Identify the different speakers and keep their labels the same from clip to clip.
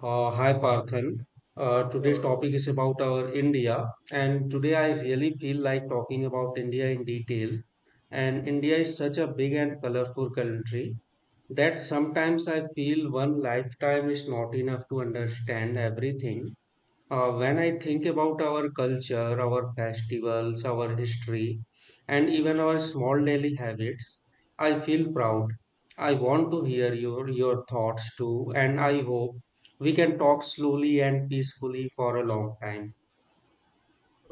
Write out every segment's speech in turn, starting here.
Speaker 1: Hi Parthan. Today's
Speaker 2: Uh,
Speaker 1: topic is about our India, and today I really feel like talking about India in detail. And India is such a big and colorful country that sometimes I feel one lifetime is not enough to understand everything. When I think about our culture, our festivals, our history, and even our small daily habits, I feel proud. I want to hear your thoughts too, and I hope we can talk slowly and peacefully for a long time.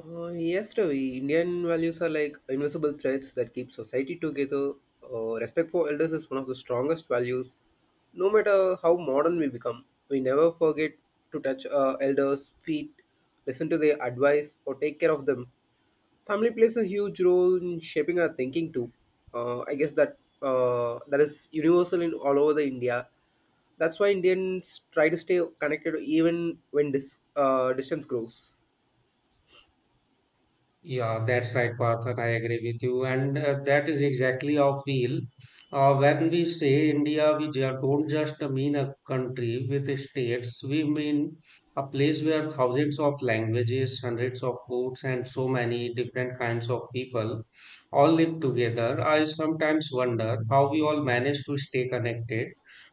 Speaker 2: yes, Ravi. Indian values are like invisible threads that keep society together. Respect for elders is one of the strongest values. No matter how modern we become, we never forget to touch elders' feet, listen to their advice, or take care of them. Family plays a huge role in shaping our thinking too. I guess that is universal in all over the India. That's why Indians try to stay connected even when distance grows.
Speaker 1: Yeah, that's right, Partha. I agree with you. And that is exactly how I feel. When we say India, don't just mean a country with the states. We mean a place where thousands of languages, hundreds of foods, and so many different kinds of people all live together. I sometimes wonder how we all manage to stay connected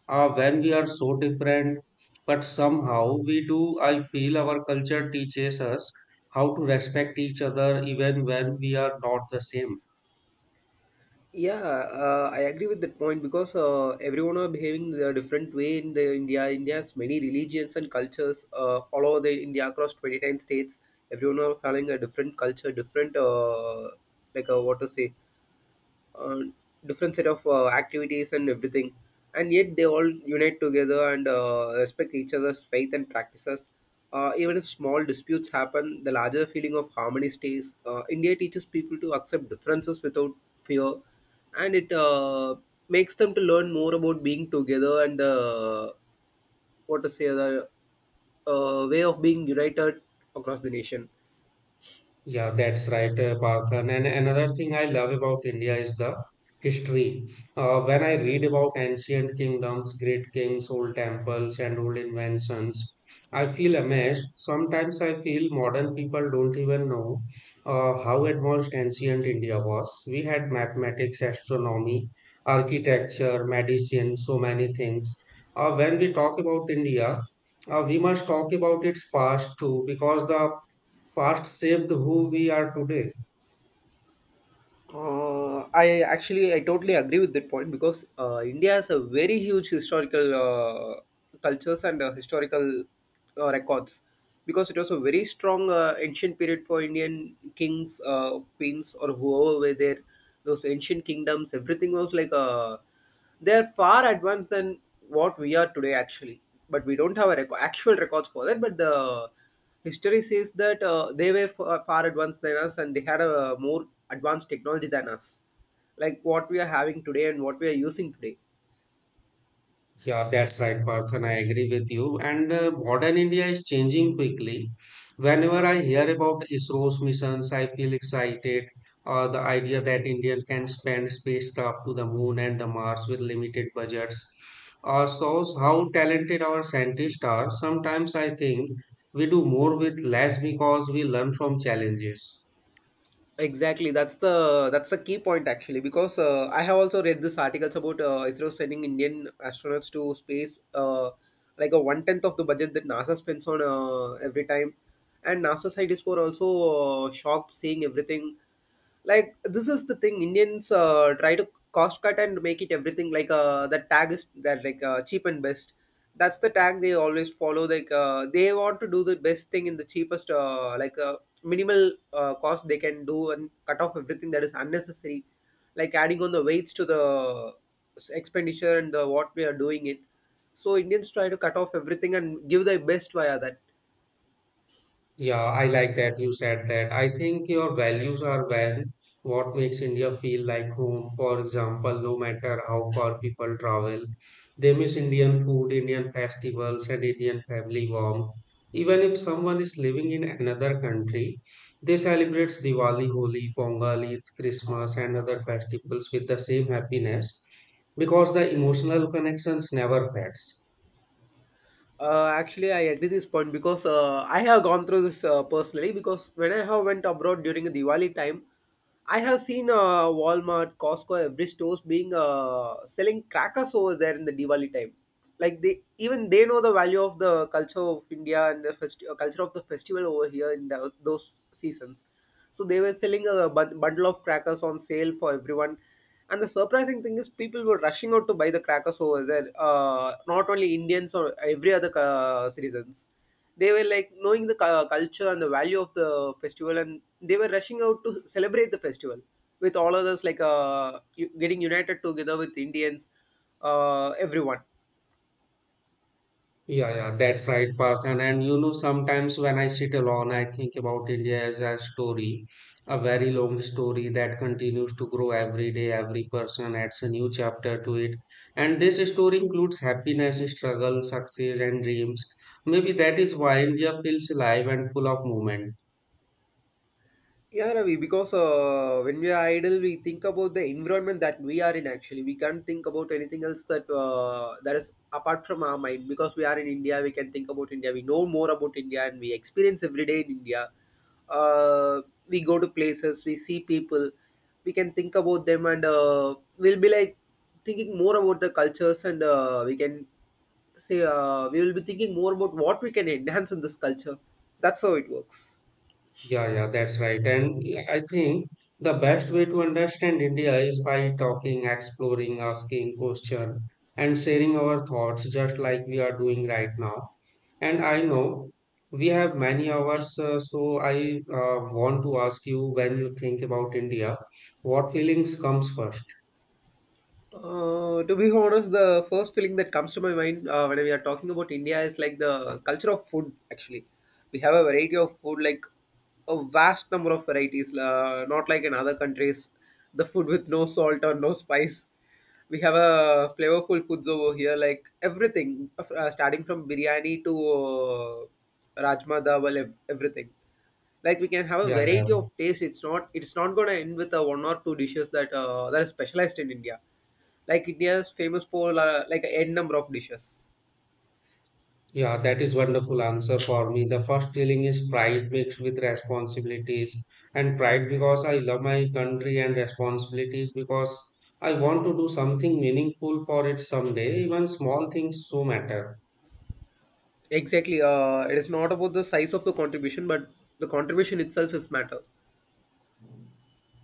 Speaker 1: when we are so different, but somehow we do. I feel our culture teaches us how to respect each other even when we are not the same.
Speaker 2: Yeah, I agree with that point because everyone are behaving in a different way in the India. India has many religions and cultures all over the India across 29 states. Everyone are following a different culture, different, what to say uh, different set of activities and everything, and yet they all unite together and respect each other's faith and practices. Even if small disputes happen, the larger feeling of harmony stays. India teaches people to accept differences without fear, and it makes them to learn more about being together and, what to say, the way of being united across the nation.
Speaker 1: Yeah, that's right, Partha. And another thing I love about India is the history. When I read about ancient kingdoms, great kings, old temples, and old inventions, I feel amazed. Sometimes I feel modern people don't even know how advanced ancient India was. We had mathematics, astronomy, architecture, medicine, so many things. When we talk about India, we must talk about its past too, because the past shaped who we are today.
Speaker 2: I totally agree with that point because India has a very huge historical cultures and historical records, because it was a very strong ancient period for Indian kings, queens, or whoever were there. Those ancient kingdoms, everything was like a, they're far advanced than what we are today, actually. But we don't have a actual records for that. But the history says that they were far, far advanced than us, and they had a more advanced technology than us, like what we are having today and what we are using today.
Speaker 1: Yeah, that's right, Parth, and I agree with you. And modern India is changing quickly. Whenever I hear about ISRO's missions, I feel excited. The idea that India can send spacecraft to the moon and the Mars with limited budgets shows how talented our scientists are. Sometimes I think we do more with less because we learn from challenges.
Speaker 2: Exactly, that's the key point actually, because I have also read this articles about ISRO sending Indian astronauts to space, like a 1/10 of the budget that NASA spends on, every time, and NASA side is for also shocked seeing everything. Like, this is the thing Indians try to cost cut and make it everything like, that tag is that, like, cheap and best. That's the tag they always follow, like, they want to do the best thing in the cheapest, minimal cost they can do, and cut off everything that is unnecessary, like adding on the weights to the expenditure and the what we are doing it. So Indians try to cut off everything and give their best via that.
Speaker 1: Yeah, I like that you said that. I think your values are well what makes India feel like home. For example, no matter how far people travel, they miss Indian food, Indian festivals, and Indian family warmth. Even if someone is living in another country, they celebrate Diwali, Holi, Pongal, Eid, Christmas, and other festivals with the same happiness because the emotional connections never fades.
Speaker 2: Actually, I agree this point because I have gone through this personally. Because when I have went abroad during Diwali time, I have seen Walmart, Costco, every stores being selling crackers over there in the Diwali time. Like, they even they know the value of the culture of India and the culture of the festival over here in the, those seasons. So they were selling a bundle of crackers on sale for everyone, and the surprising thing is, people were rushing out to buy the crackers over there. Not only Indians or every other citizens, they were like knowing the culture and the value of the festival, and they were rushing out to celebrate the festival with all others, like, getting united together with Indians, everyone.
Speaker 1: Yeah, yeah, that's right, Parth. And you know, sometimes when I sit alone, I think about India as a story, a very long story that continues to grow every day. Every person adds a new chapter to it. And this story includes happiness, struggle, success, and dreams. Maybe that is why India feels alive and full of movement.
Speaker 2: Yeah, Ravi, because when we are idle, we think about the environment that we are in. Actually, we can't think about anything else that that is apart from our mind. Because we are in India, we can think about India. We know more about India, and we experience every day in India. Uh, we go to places, we see people, we can think about them, and we'll be like thinking more about the cultures, and we can say, we will be thinking more about what we can enhance in this culture. That's how it works.
Speaker 1: Yeah, yeah, that's right. And I think the best way to understand India is by talking, exploring, asking questions, and sharing our thoughts, just like we are doing right now. And I know we have many hours, so I want to ask you when you think about India, what feelings comes first?
Speaker 2: To be honest, the first feeling that comes to my mind when we are talking about India is like the culture of food. Actually, we have a variety of food, like a vast number of varieties. Not like in other countries, the food with no salt or no spice. We have a flavorful foods over here, like everything, starting from biryani to rajma dawal, everything. Like, we can have a
Speaker 1: Yeah, yeah.
Speaker 2: variety of taste. It's not going to end with a one or two dishes that that is specialized in India. Like India is famous for like a n number of dishes.
Speaker 1: Yeah, that is wonderful answer for me. The first feeling is pride mixed with responsibilities, and pride because I love my country and responsibilities because I want to do something meaningful for it someday. Even small things so matter.
Speaker 2: Exactly. It is not about the size of the contribution, but the contribution itself is matter.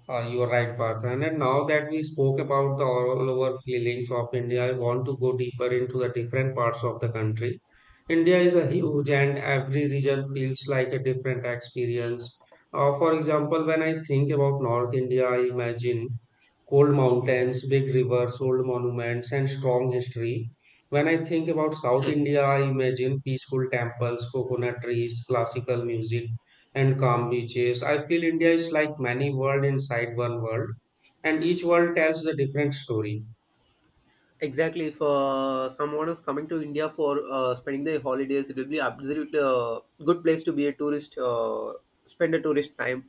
Speaker 1: You are right, Partha. And now that we spoke about the all over feelings of India, I want to go deeper into the different parts of the country. India is a huge, and every region feels like a different experience. For example, when I think about North India, I imagine cold mountains, big rivers, old monuments, and strong history. When I think about South India, I imagine peaceful temples, coconut trees, classical music and calm beaches. I feel India is like many world inside one world, and each world tells a different story.
Speaker 2: Exactly. If someone is coming to India for spending their holidays, it will be absolutely a good place to be a tourist, spend a tourist time,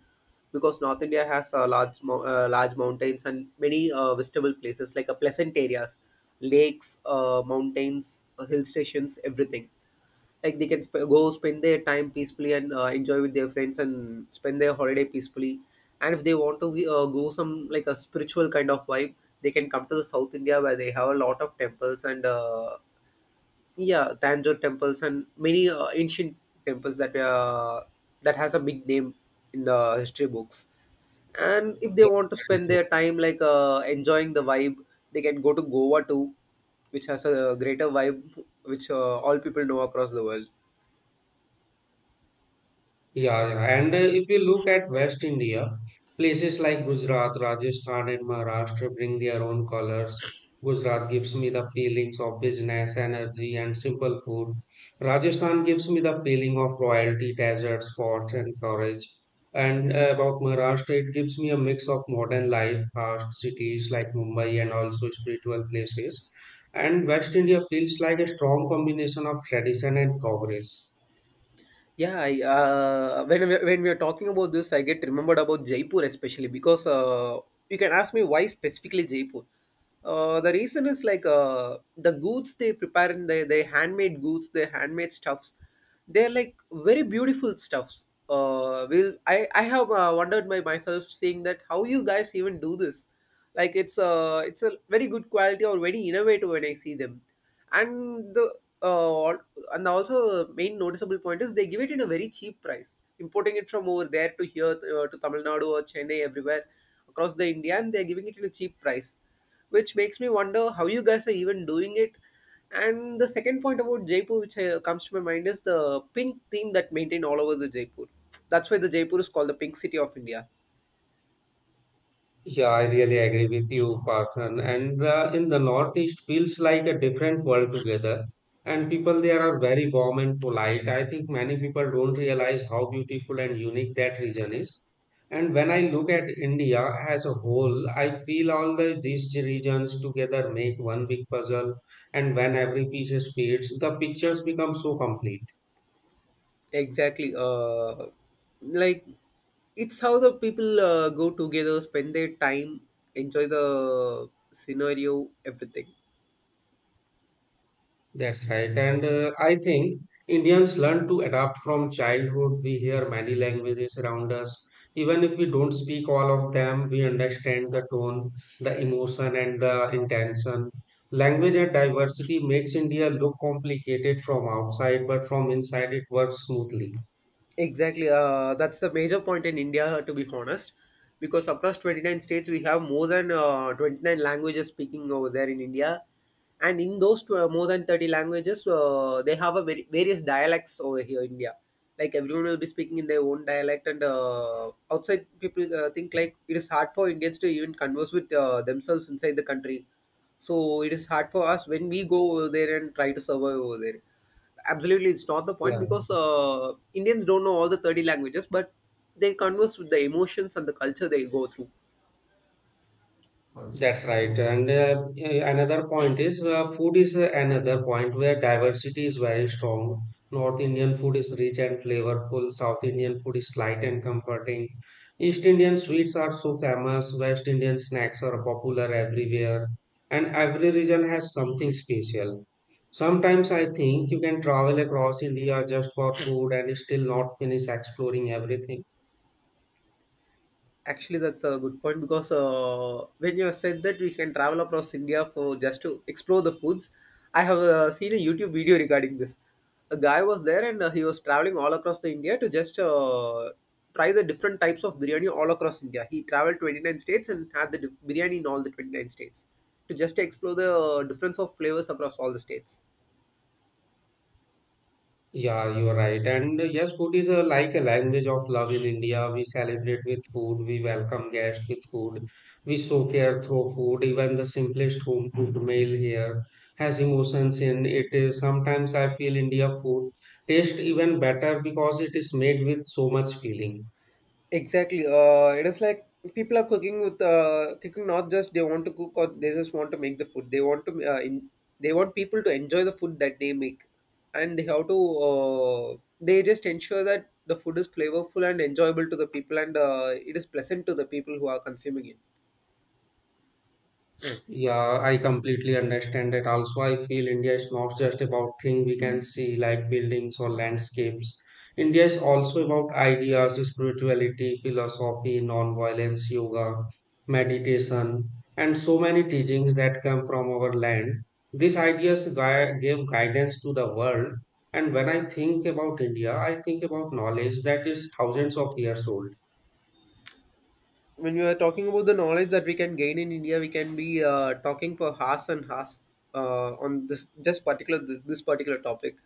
Speaker 2: because North India has large mountains and many visitable places, like a pleasant areas, lakes, mountains, hill stations, everything. Like, they can go spend their time peacefully and enjoy with their friends and spend their holiday peacefully. And if they want to go some like a spiritual kind of vibe, they can come to the South India where they have a lot of temples and, yeah, Tanjore temples and many ancient temples that that has a big name in the history books. And if they
Speaker 1: Yeah,
Speaker 2: want to
Speaker 1: very
Speaker 2: spend
Speaker 1: true.
Speaker 2: their time like enjoying the vibe, they can go to Goa too, which has a greater vibe which all people know across the world.
Speaker 1: Yeah, yeah. And if you look at West India, places like Gujarat, Rajasthan, and Maharashtra bring their own colors. Gujarat gives me the feelings of business, energy, and simple food. Rajasthan gives me the feeling of royalty, deserts, forts, and courage. And about Maharashtra, it gives me a mix of modern life, fast cities like Mumbai, and also spiritual places. And West India feels like a strong combination of tradition and progress.
Speaker 2: When we are talking about this, I get remembered about Jaipur especially, because you can ask me why specifically Jaipur. The reason is like, the goods they prepare in their handmade goods, their handmade stuffs, they're like very beautiful stuffs. I have wondered by myself seeing that, how you guys even do this. Like it's a very good quality or very innovative when I see them. And the, uh, al- and also main noticeable point is, they give it in a very cheap price, importing it from over there to here, to Tamil Nadu or Chennai, everywhere across the India, and they're giving it in a cheap price, which makes me wonder how you guys are even doing it. And the second point about Jaipur which comes to my mind is the pink theme that maintained all over the Jaipur. That's why the Jaipur is called the pink city of India.
Speaker 1: Yeah, I really agree with you, Parthan. And in the Northeast feels like a different world together. And people there are very warm and polite. I think many people don't realize how beautiful and unique that region is. And when I look at India as a whole, I feel all these regions together make one big puzzle. And when every piece fits, the pictures become so complete.
Speaker 2: Exactly. Like, it's how the people go together, spend their time, enjoy the scenario, everything.
Speaker 1: That's right. And I think Indians learn to adapt from childhood. We hear many languages around us. Even if we don't speak all of them, we understand the tone, the emotion, and the intention. Language and diversity makes India look complicated from outside, but from inside it works smoothly.
Speaker 2: Exactly. That's the major point in India, to be honest, because across 29 states, we have more than 29 languages speaking over there in India. And in those more than 30 languages, they have a very, various dialects over here in India. Like, everyone will be speaking in their own dialect, and outside people think like it is hard for Indians to even converse with themselves inside the country. So it is hard for us when we go over there and try to survive over there. Absolutely, it's not the point,
Speaker 1: Yeah.
Speaker 2: because Indians don't know all the 30 languages, but they converse with the emotions and the culture they go through.
Speaker 1: That's right. And another point is food is another point where diversity is very strong. North Indian food is rich and flavorful, South Indian food is light and comforting. East Indian sweets are so famous, West Indian snacks are popular everywhere, and every region has something special. Sometimes I think you can travel across India just for food and still not finish exploring everything.
Speaker 2: Actually, that's a good point, because when you have said that we can travel across India for just to explore the foods, I have seen a YouTube video regarding this. A guy was there and he was traveling all across the India to just try the different types of biryani all across India. He traveled 29 states and had the biryani in all the 29 states, to just explore the difference of flavors across all the states.
Speaker 1: Yeah, you are right. And yes, food is like a language of love in India. We celebrate with food, we welcome guests with food, we show care through food. Even the simplest home cooked meal here has emotions in it. Sometimes I feel India food tastes even better because it is made with so much feeling.
Speaker 2: Exactly. It is like, people are cooking with, cooking not just they want to cook or they just want to make the food. They want to they want people to enjoy the food that they make, and they have to they just ensure that the food is flavorful and enjoyable to the people, and it is pleasant to the people who are consuming it.
Speaker 1: Yeah, I completely understand that. Also, I feel India is not just about things we can see like buildings or landscapes. India is also about ideas, spirituality, philosophy, non-violence, yoga, meditation, and so many teachings that come from our land. These gave guidance to the world. And when I think about India, I think about knowledge that is thousands of years old.
Speaker 2: When you are talking about the knowledge that we can gain in India, we can be talking for hours and hours on this just particular this particular topic,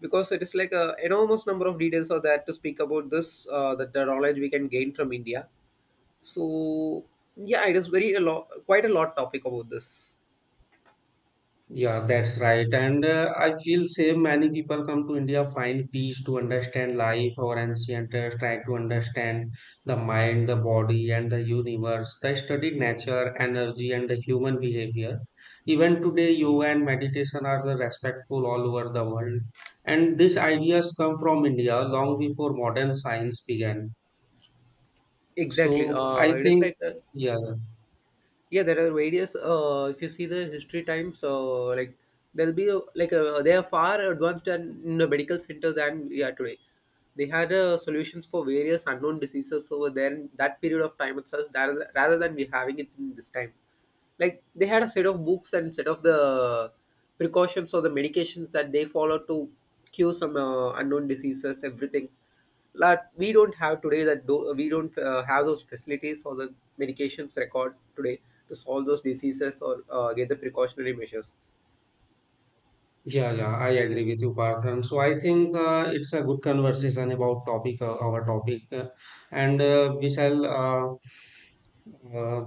Speaker 2: because it is like a enormous number of details are there to speak about this, that the knowledge we can gain from India. So yeah, it is very a lot, quite a lot topic about this.
Speaker 1: Yeah, that's right. And I feel same. Many people come to India, find peace to understand life or ancient, try to understand the mind, the body, and the universe. They study nature, energy, and the human behavior. Even today, yoga and meditation are the respectful all over the world. And these ideas come from India long before modern science began.
Speaker 2: Exactly.
Speaker 1: So
Speaker 2: Uh,
Speaker 1: I
Speaker 2: it is
Speaker 1: think,
Speaker 2: like uh,
Speaker 1: yeah.
Speaker 2: yeah there are various, if you see the history times, like there'll be, they are far advanced than in the medical center than we are today. They had solutions for various unknown diseases over there in that period of time itself, that, rather than we having it in this time. Like, they had a set of books and set of the precautions or the medications that they follow to cure some unknown diseases, everything. That we don't have today. That do, we don't have those facilities or the medications record today to solve those diseases or get the precautionary measures.
Speaker 1: Yeah, yeah, I agree with you, Parth. So I think it's a good conversation about topic our topic, and we shall uh,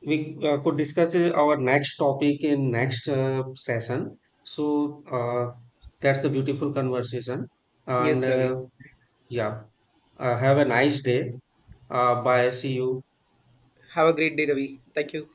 Speaker 1: we could discuss our next topic in next session. So that's the beautiful conversation, and
Speaker 2: Yes, Ravi.
Speaker 1: yeah, have a nice day. Bye. See you.
Speaker 2: Have a great day, Ravi. Thank you.